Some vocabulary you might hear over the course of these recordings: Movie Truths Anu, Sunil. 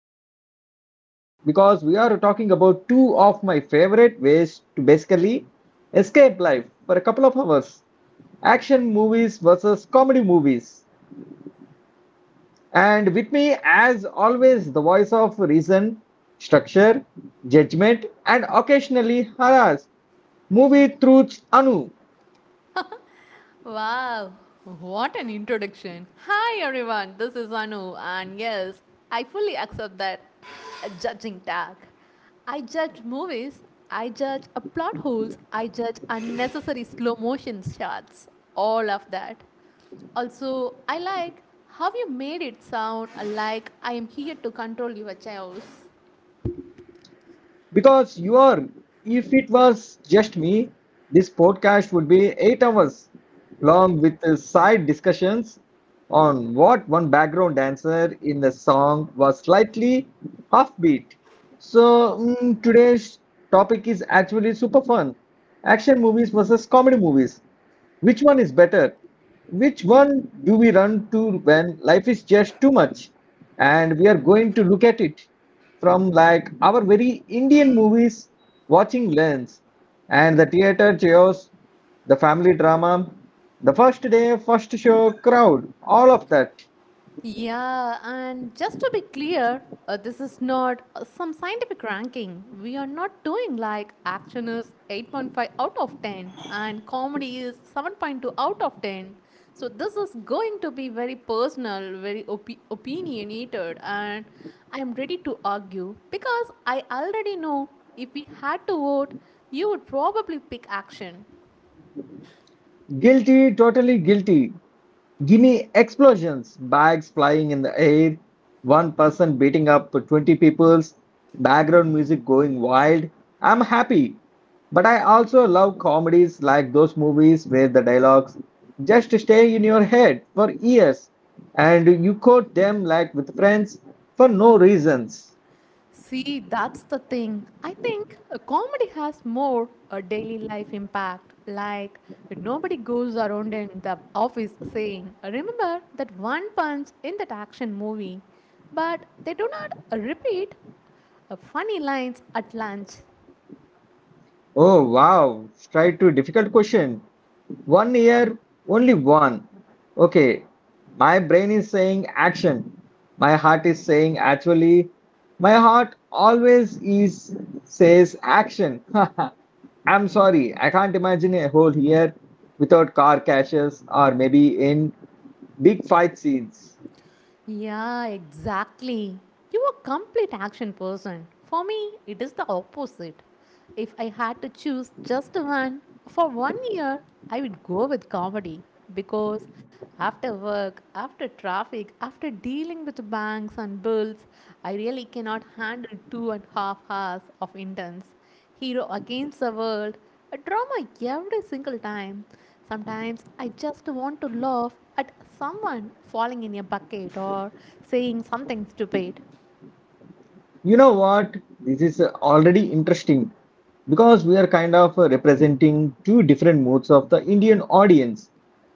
very excited because we are talking about two of my favorite ways to basically escape life for a couple of hours. Action movies versus comedy movies. And with me as always, the voice of reason, structure, judgment and occasionally haras. Movie Truths Anu. Wow, what an introduction. Hi everyone, this is Anu, and yes, I fully accept that a judging tag. I judge movies, I judge a plot holes, I judge unnecessary slow motion shots, all of that. Also, I like how you made it sound like I am here to control your chaos. Because you are, if it was just me, this podcast would be 8 hours long with side discussions on what one background dancer in the song was slightly offbeat. So today's topic is actually super fun. Action movies versus comedy movies. Which one is better? Which one do we run to when life is just too much? And we are going to look at it from like our very Indian movies watching lens and the theater chaos, the family drama, the first day, first show crowd, all of that. Yeah, and just to be clear, this is not some scientific ranking. We are not doing like action is 8.5 out of 10 and comedy is 7.2 out of 10. So this is going to be very personal, opinionated, and I am ready to argue because I already know if we had to vote, you would probably pick action. Guilty, totally guilty. Gimme explosions, bags flying in the air, one person beating up 20 peoples, background music going wild. I'm happy. But I also love comedies, like those movies where the dialogues just stay in your head for years and you quote them like with friends for no reasons. See, that's the thing. I think a comedy has more a daily life impact. Like, nobody goes around in the office saying, remember that one punch in that action movie. But they do not repeat funny lines at lunch. Oh wow, straight to difficult question. One year, only one. Okay, my brain is saying action. My heart is saying actually. My heart always is says action. I'm sorry, I can't imagine a whole year without car crashes or maybe in big fight scenes. Yeah, exactly. You are a complete action person. For me, it is the opposite. If I had to choose just one for 1 year, I would go with comedy because after work, after traffic, after dealing with banks and bills, I really cannot handle 2.5 hours of intense hero against the world, a drama every single time. Sometimes I just want to laugh at someone falling in a bucket or saying something stupid. You know what? This is already interesting because we are kind of representing two different moods of the Indian audience.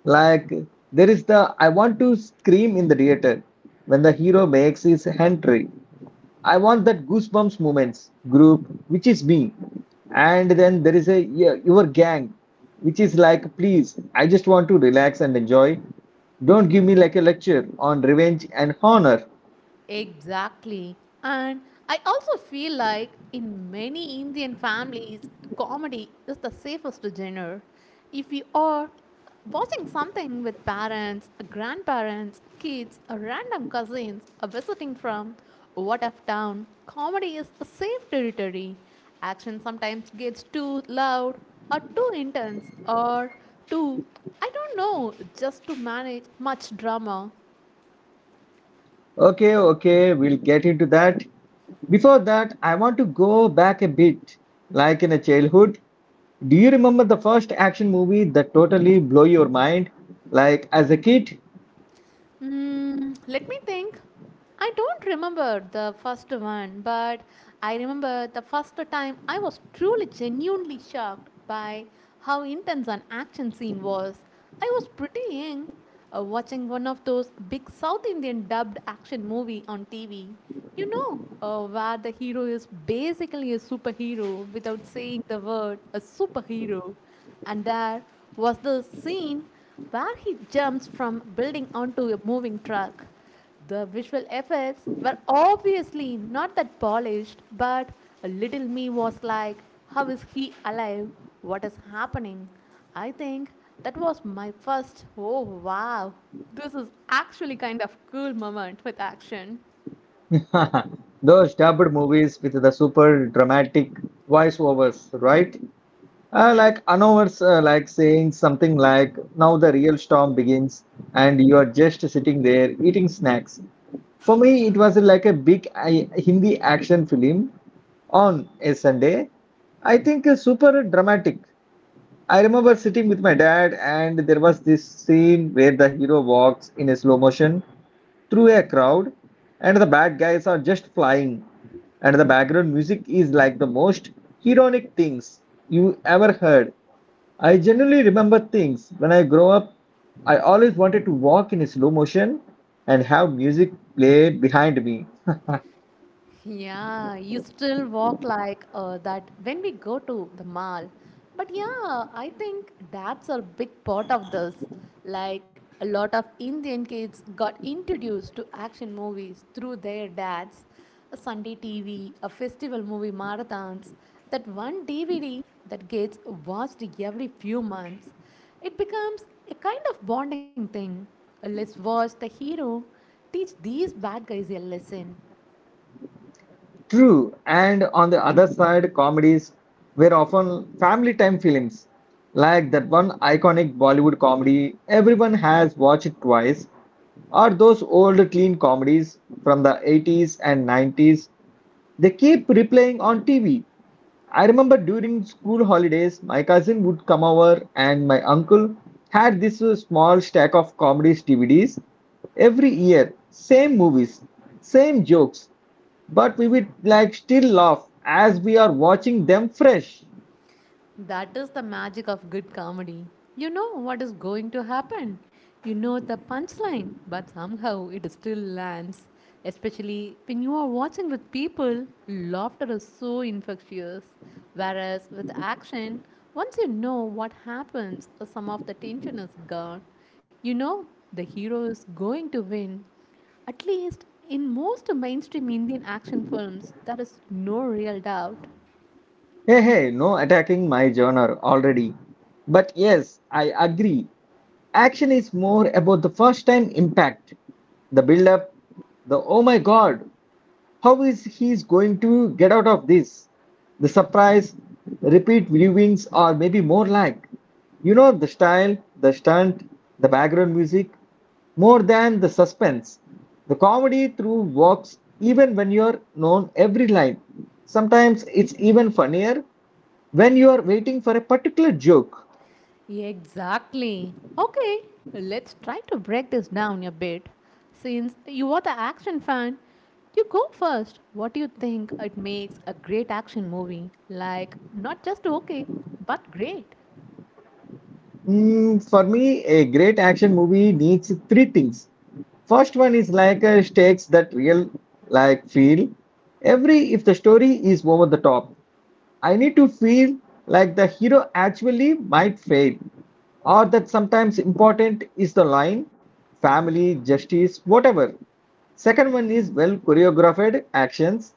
Like, there is the I want to scream in the theater when the hero makes his entry. I want that goosebumps moments group, which is me. And then there is a yeah your gang, which is like, please, I just want to relax and enjoy. Don't give me like a lecture on revenge and honor. Exactly. And I also feel like in many Indian families, comedy is the safest genre. If you are watching something with parents, grandparents, kids, random cousins, or visiting from what of town, comedy is a safe territory. Action sometimes gets too loud, or too intense, or too, I don't know, just to manage much drama. Okay, okay, we'll get into that. Before that, I want to go back a bit, like in a childhood. Do you remember the first action movie that totally blew your mind? Like as a kid, Mm, let me think. I don't remember the first one, but I remember the first time I was truly genuinely shocked by how intense an action scene was. I was pretty young, watching one of those big South Indian dubbed action movie on TV. You know, where the hero is basically a superhero without saying the word a superhero. And there was the scene where he jumps from building onto a moving truck. The visual effects were obviously not that polished, but a little me was like, how is he alive? What is happening? I think that was my first, oh wow, this is actually kind of cool moment with action. those dubbed movies with the super dramatic voiceovers, right? Like Anovers, like saying something like, now the real storm begins, and you are just sitting there eating snacks. For me, it was like a big I, Hindi action film on a Sunday. I think super dramatic. I remember sitting with my dad, and there was this scene where the hero walks in a slow motion through a crowd, and the bad guys are just flying, and the background music is like the most ironic things you ever heard. I generally remember things when I grow up. I always wanted to walk in slow motion and have music play behind me. Yeah, you still walk like that when we go to the mall. But yeah, I think that's a big part of this. Like a lot of Indian kids got introduced to action movies through their dads, a Sunday TV, a festival movie marathons, that one DVD that gets watched every few months. It becomes a kind of bonding thing. Let's watch the hero teach these bad guys a lesson. True. And on the other side, comedies were often family time films, like that one iconic Bollywood comedy everyone has watched twice, or those old teen comedies from the 80s and 90s. They keep replaying on TV. I remember during school holidays, my cousin would come over, and my uncle had this small stack of comedies DVDs every year. Same movies, same jokes. But we will like still laugh as we are watching them fresh. That is the magic of good comedy. You know what is going to happen. You know the punchline, but somehow it still lands. Especially when you are watching with people, laughter is so infectious. Whereas with action, once you know what happens, some of the tension is gone. You know the hero is going to win. At least in most mainstream Indian action films, there is no real doubt. Hey, hey, no attacking my genre already. But yes, I agree. Action is more about the first time impact, the build up, the oh my god, how is he going to get out of this? The surprise, repeat viewings, or maybe more like, you know, the style, the stunt, the background music, more than the suspense. The comedy through works even when you're known every line. Sometimes it's even funnier when you are waiting for a particular joke. Exactly. Okay, let's try to break this down a bit. Since you are the action fan, you go first. What do you think it makes a great action movie? Like, not just okay, but great. For me, a great action movie needs three things. First one is like stakes that real like feel. Every if the story is over the top, I need to feel like the hero actually might fail, or that sometimes important is the line, family, justice, whatever. Second one is well choreographed actions,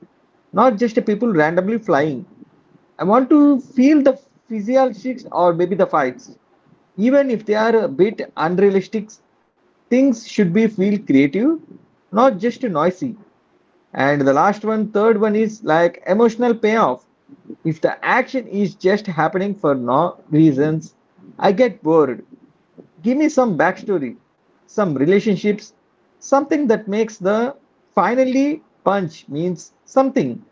not just people randomly flying. I want to feel the physiologics or maybe the fights, even if they are a bit unrealistic. Things should be feel creative, not just noisy. And the last one, third one is like emotional payoff. If the action is just happening for no reasons, I get bored. Give me some backstory, some relationships, something that makes the finally punch means something.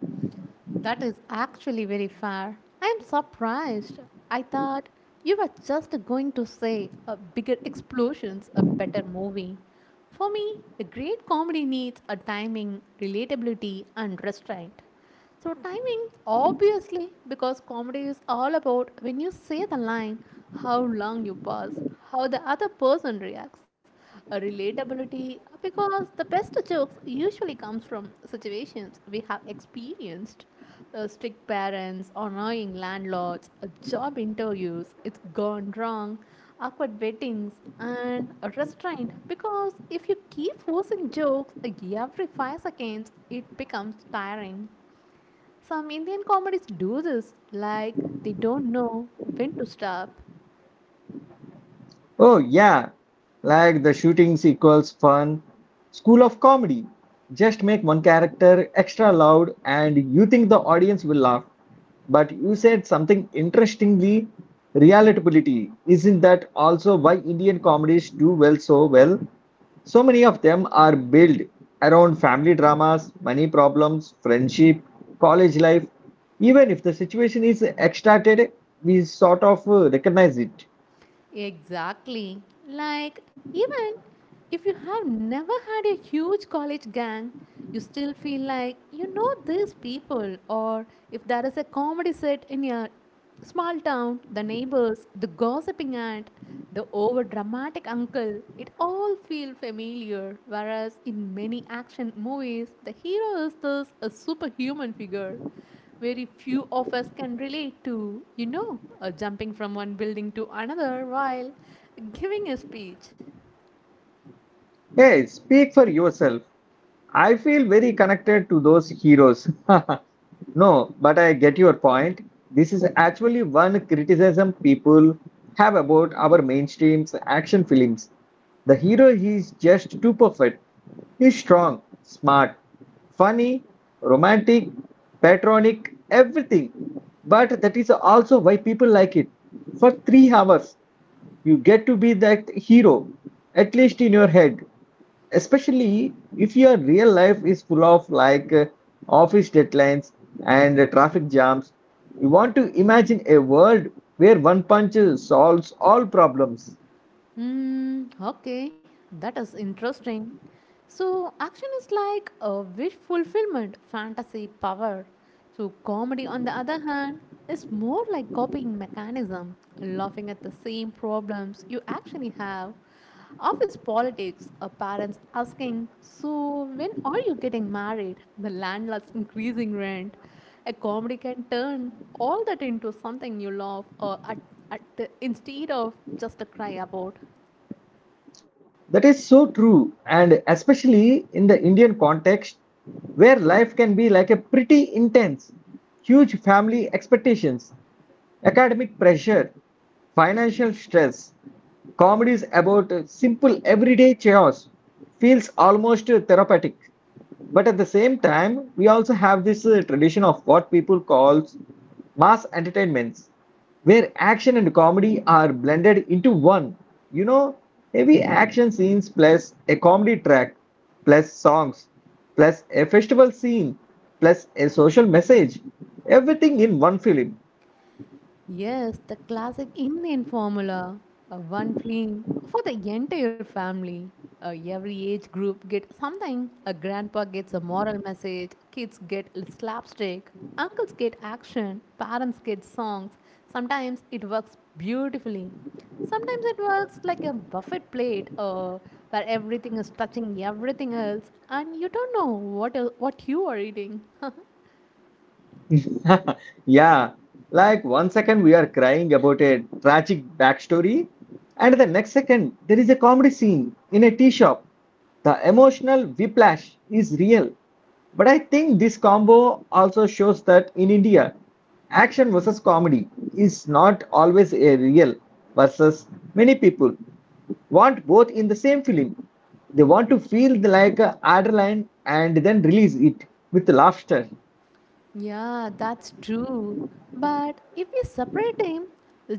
That is actually very fair. I am surprised. I thought you were just going to say a bigger explosions, a better movie. For me, a great comedy needs a timing, relatability, and restraint. So, timing, obviously, because comedy is all about when you say the line, how long you pause, how the other person reacts a relatability because the best jokes usually comes from situations we have experienced, strict parents, annoying landlords, job interviews it's gone wrong, awkward weddings, and a restraint because if you keep forcing jokes like every 5 seconds it becomes tiring. Some Indian comedies do this, like they don't know when to stop. Oh, yeah, like the shootings equals fun. School of comedy. Just make one character extra loud and you think the audience will laugh. But you said something interestingly, relatability. Isn't that also why Indian comedies do well so well? So many of them are built around family dramas, money problems, friendship, college life. Even if the situation is extracted, we sort of recognize it. Exactly. Like, even if you have never had a huge college gang, you still feel like you know these people, or if there is a comedy set in your small town, the neighbors, the gossiping aunt, the over dramatic uncle, it all feels familiar. Whereas in many action movies, the hero is this a superhuman figure very few of us can relate to, you know, jumping from one building to another while giving a speech. Hey, speak for yourself. I feel very connected to those heroes. No, but I get your point. This is actually one criticism people have about our mainstream action films. The hero is just too perfect. He's strong, smart, funny, romantic, patronic, everything. But that is also why people like it. For 3 hours. You get to be that hero, at least in your head. Especially if your real life is full of like office deadlines and traffic jams. You want to imagine a world where one punch solves all problems. Hmm, okay, that is interesting. So, action is like a wish fulfillment, fantasy power. So, comedy, on the other hand, is more like copying mechanism, laughing at the same problems you actually have. Office politics, parents asking, so, when are you getting married? The landlord's increasing rent. A comedy can turn all that into something you love or at, instead of just a cry about. That is so true, and especially in the Indian context, where life can be like a pretty intense, huge family expectations, academic pressure, financial stress, comedies about simple everyday chaos feels almost therapeutic. But at the same time, we also have this tradition of what people call mass entertainments, where action and comedy are blended into one. You know, heavy action scenes plus a comedy track, plus songs, plus a festival scene, plus a social message, everything in one film. Yes, the classic Indian formula. One fleeing for the entire family. Every age group get something. A grandpa gets a moral message. Kids get slapstick. Uncles get action. Parents get songs. Sometimes it works beautifully. Sometimes it works like a buffet plate, where everything is touching everything else, and you don't know what you are eating. Yeah, like one second we are crying about a tragic backstory, and the next second there is a comedy scene in a tea shop. The emotional whiplash is real. But I think this combo also shows that in India, action versus comedy is not always a real versus, many people want both in the same film. They want to feel the- like a adrenaline and then release it with laughter. Yeah, that's true. But if we separate them,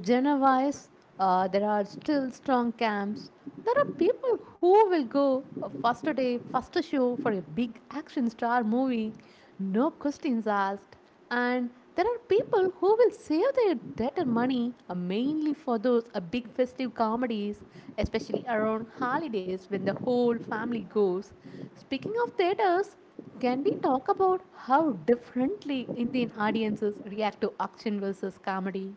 genre wise, there are still strong camps. There are people who will go a faster day, faster show for a big action star movie, no questions asked. And there are people who will save their debtor money mainly for those big festive comedies, especially around holidays when the whole family goes. Speaking of theaters, can we talk about how differently Indian audiences react to action versus comedy?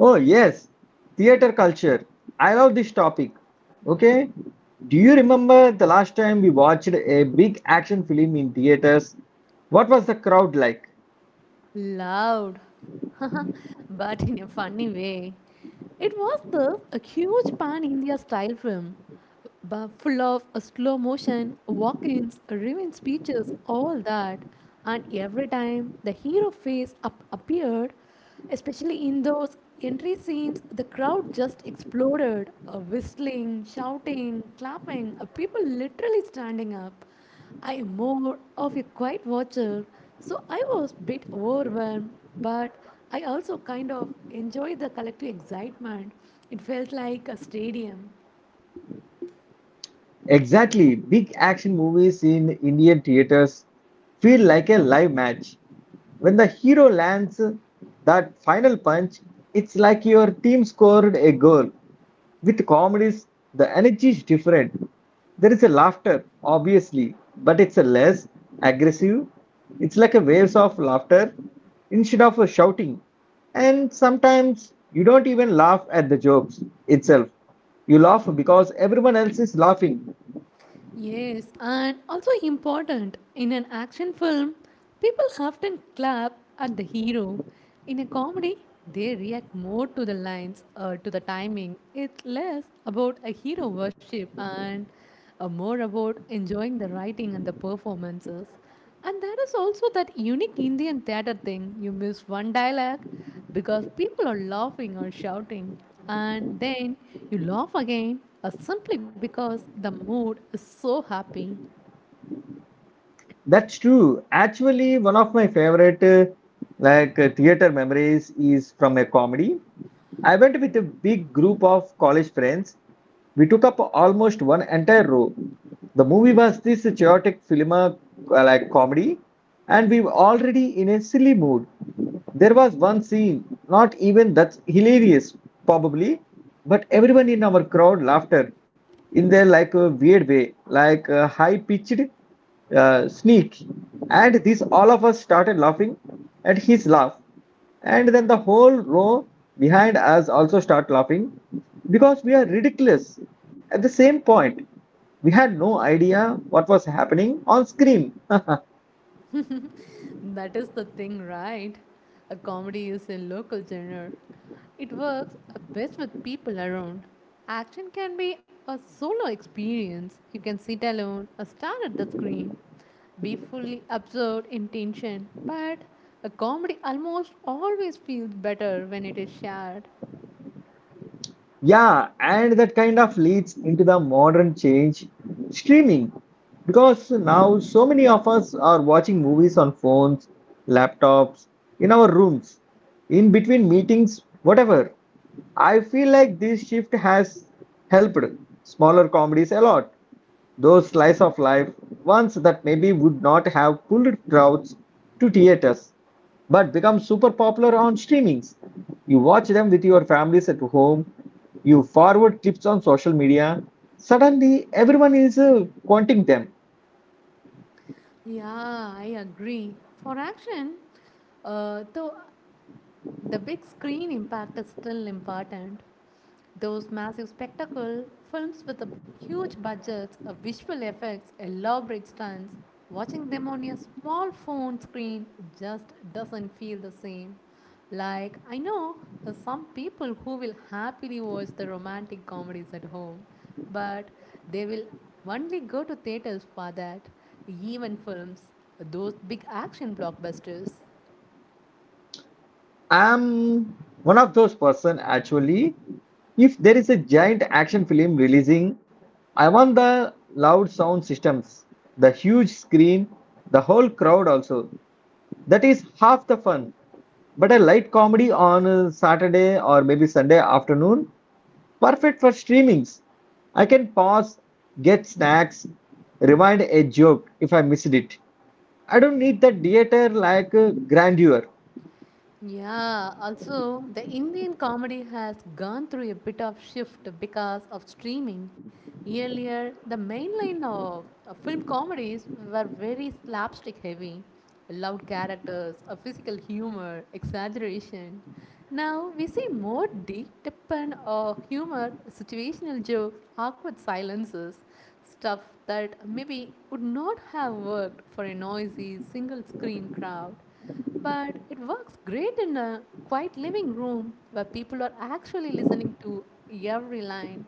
Oh, yes, theater culture. I love this topic. Okay, do you remember the last time we watched a big action film in theaters? What was the crowd like? Loud, but in a funny way. It was thus a huge pan India style film. Full of a slow motion, walk ins, revenge speeches, all that. And every time the hero face up appeared, especially in those entry scenes, the crowd just exploded, whistling, shouting, clapping, people literally standing up. I am more of a quiet watcher, so I was a bit overwhelmed, but I also kind of enjoyed the collective excitement. It felt like a stadium. Exactly. Big action movies in Indian theaters feel like a live match. When the hero lands that final punch, it's like your team scored a goal. With comedies, the energy is different. There is a laughter, obviously, but it's a less aggressive. It's like a waves of laughter instead of a shouting. And sometimes you don't even laugh at the jokes itself. You laugh because everyone else is laughing. Yes, and also important in an action film, people often clap at the hero. In a comedy, they react more to the lines or to the timing. It's less about a hero worship and more about enjoying the writing and the performances. And that is also that unique Indian theatre thing. You miss one dialogue because people are laughing or shouting, and then you laugh again simply because the mood is so happy. That's true. Actually, one of my favorite theater memories is from a comedy. I went with a big group of college friends. We took up almost one entire row. The movie was this chaotic film like comedy, and we were already in a silly mood. There was one scene, not even that's hilarious, probably, but everyone in our crowd laughed in their like a weird way, like high pitched sneak. And this all of us started laughing at his laugh. And then the whole row behind us also start laughing because we are ridiculous. At the same point, we had no idea what was happening on screen. That is the thing, right? A comedy is a local genre. It works best with people around. Action can be a solo experience. You can sit alone or stare at the screen, be fully absorbed in tension. But a comedy almost always feels better when it is shared. Yeah, and that kind of leads into the modern change, streaming, because now so many of us are watching movies on phones, laptops, in our rooms, in between meetings, whatever. I feel like this shift has helped smaller comedies a lot. Those slice of life, ones that maybe would not have pulled crowds to theaters, but become super popular on streamings. You watch them with your families at home, you forward clips on social media. Suddenly, everyone is wanting them. Yeah, I agree. For action, though the big screen impact is still important. Those massive spectacle films with a huge budgets, a visual effects, elaborate stunts, watching them on your small phone screen just doesn't feel the same. Like, I know some people who will happily watch the romantic comedies at home, but they will only go to theaters for that, even films, those big action blockbusters. I'm one of those person actually. If there is a giant action film releasing, I want the loud sound systems, the huge screen, the whole crowd also. That is half the fun. But a light comedy on Saturday or maybe Sunday afternoon, perfect for streamings. I can pause, get snacks, rewind a joke if I missed it. I don't need that theater like grandeur. Yeah, also the Indian comedy has gone through a bit of shift because of streaming. Earlier, the mainline of film comedies were very slapstick heavy, loud characters, a physical humor, exaggeration. Now we see more deep depend of humor, situational jokes, awkward silences, stuff that maybe would not have worked for a noisy single screen crowd. But it works great in a quiet living room where people are actually listening to every line.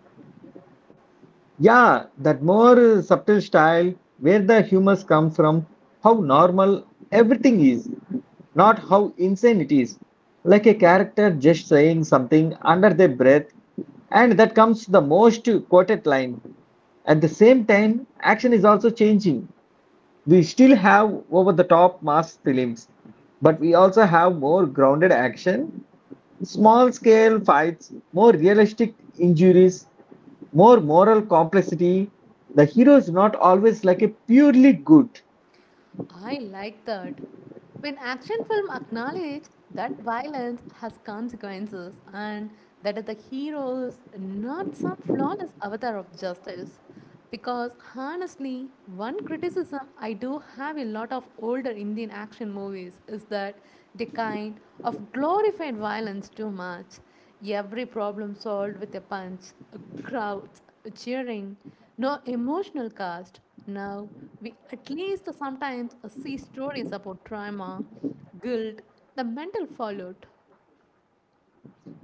Yeah, that more subtle style, where the humors come from, how normal everything is, not how insane it is. Like a character just saying something under their breath, and that comes the most quoted line. At the same time, action is also changing. We still have over the top mass films, but we also have more grounded action, small scale fights, more realistic injuries, more moral complexity. The hero is not always like a purely good. I like that. When action film acknowledge that violence has consequences and that the hero is not some flawless avatar of justice. Because honestly, one criticism I do have a lot of older Indian action movies is that they kind of glorified violence too much. Every problem solved with a punch, a crowd cheering, no emotional cast. Now, we at least sometimes see stories about trauma, guilt, the mental fallout.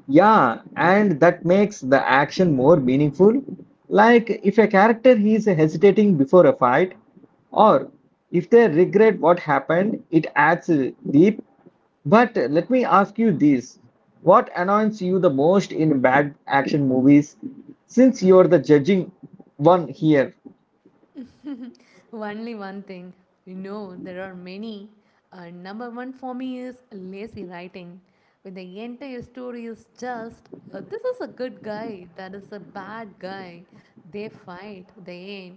Yeah, and that makes the action more meaningful. Like if a character is hesitating before a fight, or if they regret what happened, it adds deep. But let me ask you this. What annoys you the most in bad action movies since you're the judging one here? Only one thing, you know, there are many. Number one for me is lazy writing. When the entire story is just, this is a good guy, that is a bad guy. They fight, they end.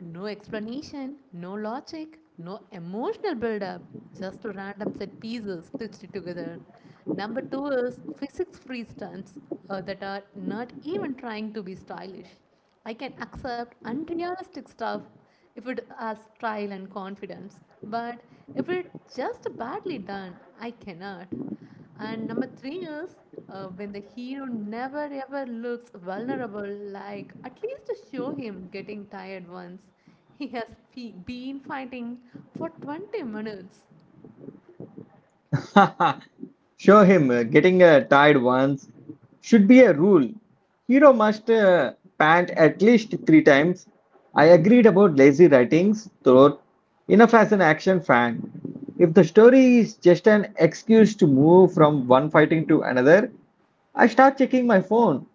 No explanation, no logic, no emotional build up, just random set pieces stitched together. Number two is physics free stunts that are not even trying to be stylish. I can accept unrealistic stuff if it has style and confidence, but if it's just badly done, I cannot. And number three is when the hero never ever looks vulnerable, like at least to show him getting tired once. He has been fighting for 20 minutes. Show him getting tired once should be a rule. Hero must pant at least three times. I agreed about lazy writings, though, enough as an action fan. If the story is just an excuse to move from one fighting to another, I start checking my phone.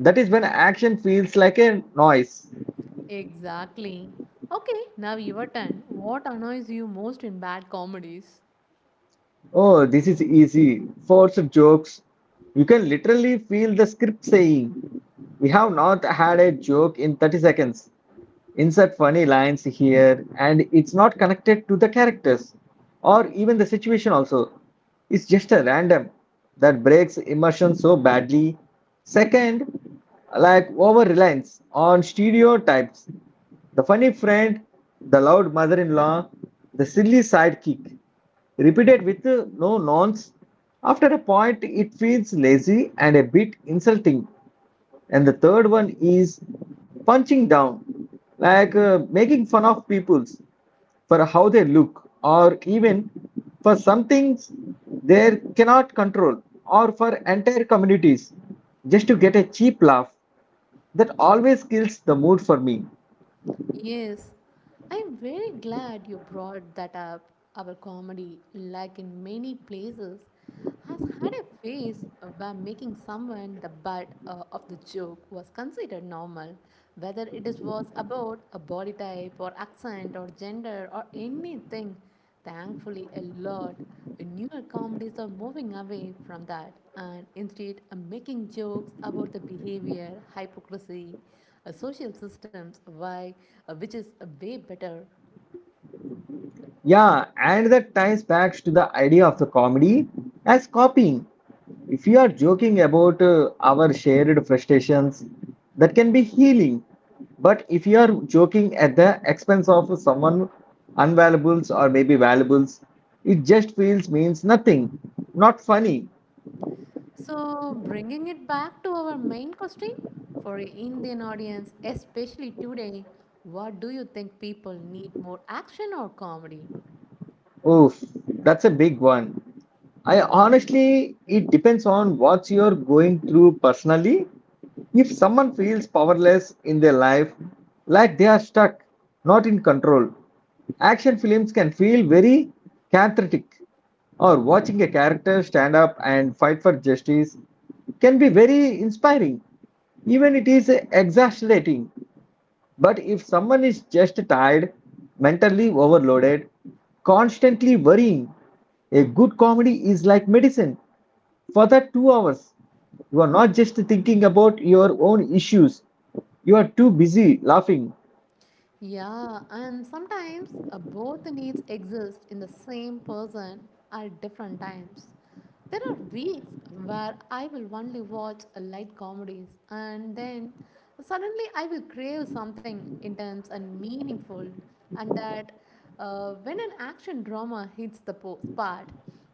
That is when action feels like a noise. Exactly. Okay, now your turn. What annoys you most in bad comedies? Oh, this is easy. Force jokes. You can literally feel the script saying, we have not had a joke in 30 seconds, insert funny lines here, and it's not connected to the characters or even the situation also, it's just a random that breaks immersion so badly. Second, like over reliance on stereotypes, the funny friend, the loud mother-in-law, the silly sidekick, repeated with no nonce. After a point it feels lazy and a bit insulting. And the third one is punching down, like making fun of people's for how they look, or even for some things they cannot control, or for entire communities, just to get a cheap laugh. That always kills the mood for me. Yes, I'm very glad you brought that up. Our comedy, like in many places, has had a phase where making someone the butt of the joke was considered normal, whether it is was about a body type or accent or gender or anything. Thankfully, a lot newer comedies are moving away from that and instead are making jokes about the behavior, hypocrisy, social systems why, which is way better. Yeah, and that ties back to the idea of the comedy as copying. If you are joking about our shared frustrations, that can be healing. But if you are joking at the expense of someone unvaluables or maybe valuables, it just feels means nothing, not funny. So bringing it back to our main question, for a indian audience especially today, what do you think people need, more action or comedy? Oof, that's a big one. I honestly, it depends on what you're going through personally. If someone feels powerless in their life, like they are stuck, not in control, action films can feel very cathartic. Or watching a character stand up and fight for justice can be very inspiring, even it is exasperating. But if someone is just tired, mentally overloaded, constantly worrying, a good comedy is like medicine. For that 2 hours, you are not just thinking about your own issues, you are too busy laughing. Yeah, and sometimes both needs exist in the same person at different times. There are weeks where I will only watch light comedies, and then suddenly I will crave something intense and meaningful, and that, when an action drama hits the spot,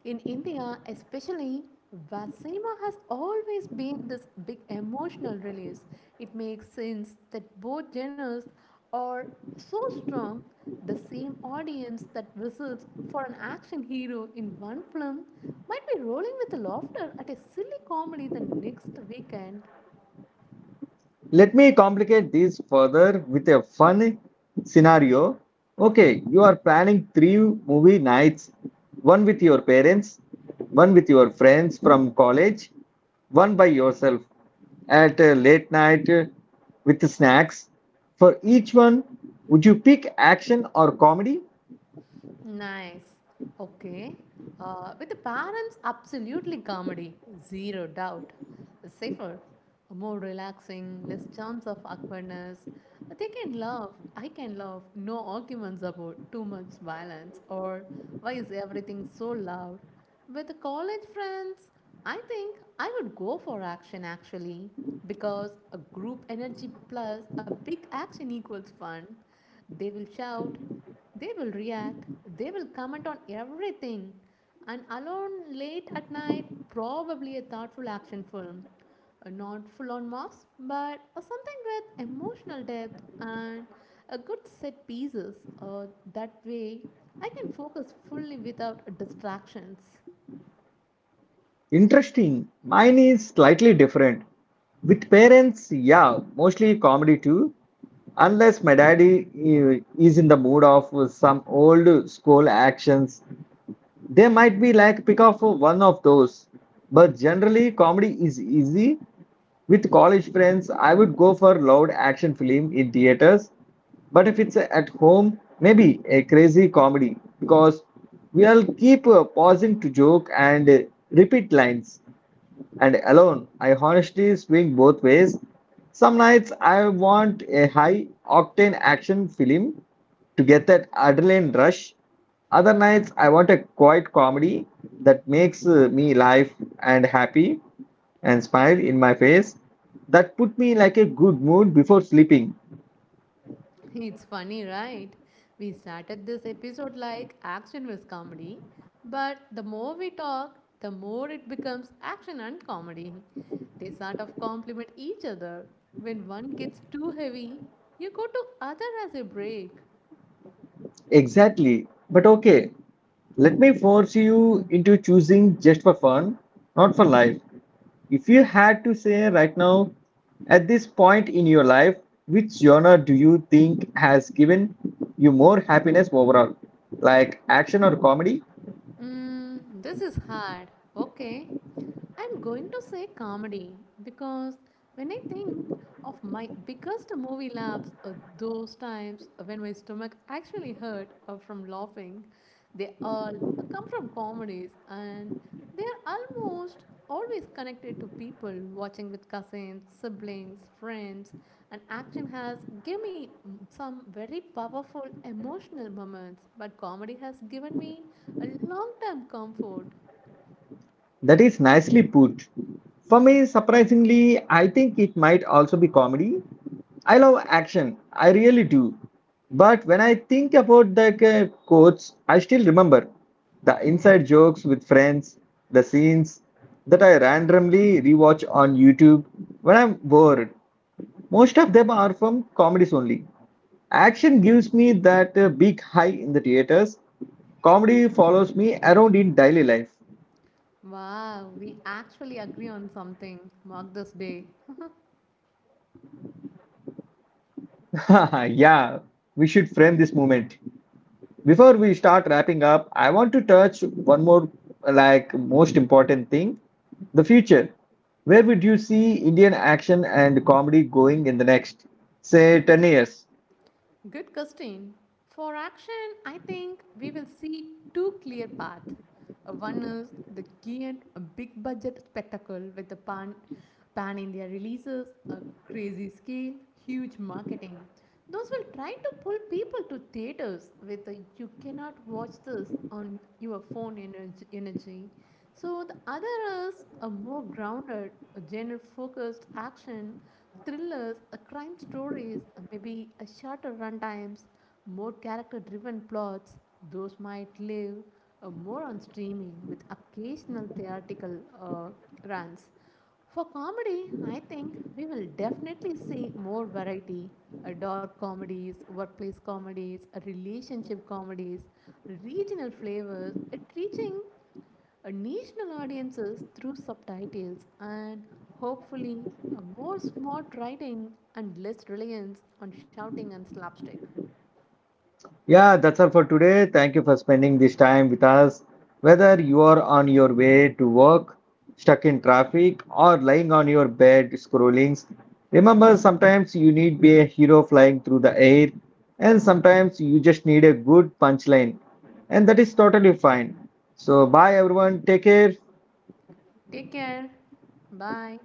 in India especially, where has always been this big emotional release, it makes sense that both genres are so strong. The same audience that whistles for an action hero in one film might be rolling with laughter at a silly comedy the next weekend. Let me complicate this further with a fun scenario. Okay, you are planning three movie nights, one with your parents, one with your friends from college, one by yourself at a late night with snacks. For each one, would you pick action or comedy? Nice. Okay. With the parents, absolutely comedy, zero doubt. Safer, more relaxing, less chance of awkwardness. They can laugh, I can laugh, no arguments about too much violence or why is everything so loud. With the college friends, I think I would go for action actually, because a group energy plus a big action equals fun. They will shout, they will react, they will comment on everything. And alone late at night, probably a thoughtful action film. Not full on Mars, but something with emotional depth and a good set pieces. Uh, that way, I can focus fully without distractions. Interesting. Mine is slightly different. With parents, yeah, mostly comedy too. Unless my daddy is in the mood of some old school actions, they might be like pick off one of those. But generally, comedy is easy. With college friends, I would go for loud action film in theaters. But if it's at home, maybe a crazy comedy because we'll keep pausing to joke and repeat lines. And alone. I honestly swing both ways. Some nights I want a high octane action film to get that adrenaline rush. Other nights I want a quiet comedy that makes me laugh and happy and smile in my face. That put me like a good mood before sleeping. It's funny, right? We started this episode like action was comedy, but the more we talk, the more it becomes action and comedy. They sort of complement each other. When one gets too heavy, you go to other as a break. Exactly. But okay, let me force you into choosing just for fun, not for life. If you had to say right now, at this point in your life, which genre do you think has given you more happiness overall? Like action or comedy? Mm, this is hard. Okay. I'm going to say comedy because when I think of my biggest movie laughs are those times when my stomach actually hurt from laughing, they all come from comedies, and they are almost always connected to people watching with cousins, siblings, friends, and action has given me some very powerful emotional moments, but comedy has given me a long term comfort. That is nicely put. For me, surprisingly, I think it might also be comedy. I love action, I really do. But when I think about the quotes, I still remember the inside jokes with friends, the scenes that I randomly rewatch on YouTube when I'm bored. Most of them are from comedies only. Action gives me that big high in the theaters. Comedy follows me around in daily life. Wow, we actually agree on something. Mark this day. Yeah, we should frame this moment. Before we start wrapping up, I want to touch one more, like, most important thing, the future. Where would you see Indian action and comedy going in the next, say, 10 years? Good question. For action, I think we will see two clear paths. One is the giant, big budget spectacle with the pan India releases, a crazy scale, huge marketing. Those will try to pull people to theaters with a you cannot watch this on your phone energy. So the other is a more grounded, genre focused action. Thrillers, crime stories, maybe a shorter runtimes, more character-driven plots. Those might live more on streaming with occasional theatrical uh, runs. For comedy, I think we will definitely see more variety. Dark comedies, workplace comedies, relationship comedies, regional flavors. It's reaching a national audiences through subtitles and hopefully a more smart writing and less reliance on shouting and slapstick. Yeah, that's all for today. Thank you for spending this time with us. Whether you are on your way to work, stuck in traffic, or lying on your bed scrolling, remember sometimes you need be a hero flying through the air, and sometimes you just need a good punchline, and that is totally fine. So, bye everyone. Take care. Take care. Bye.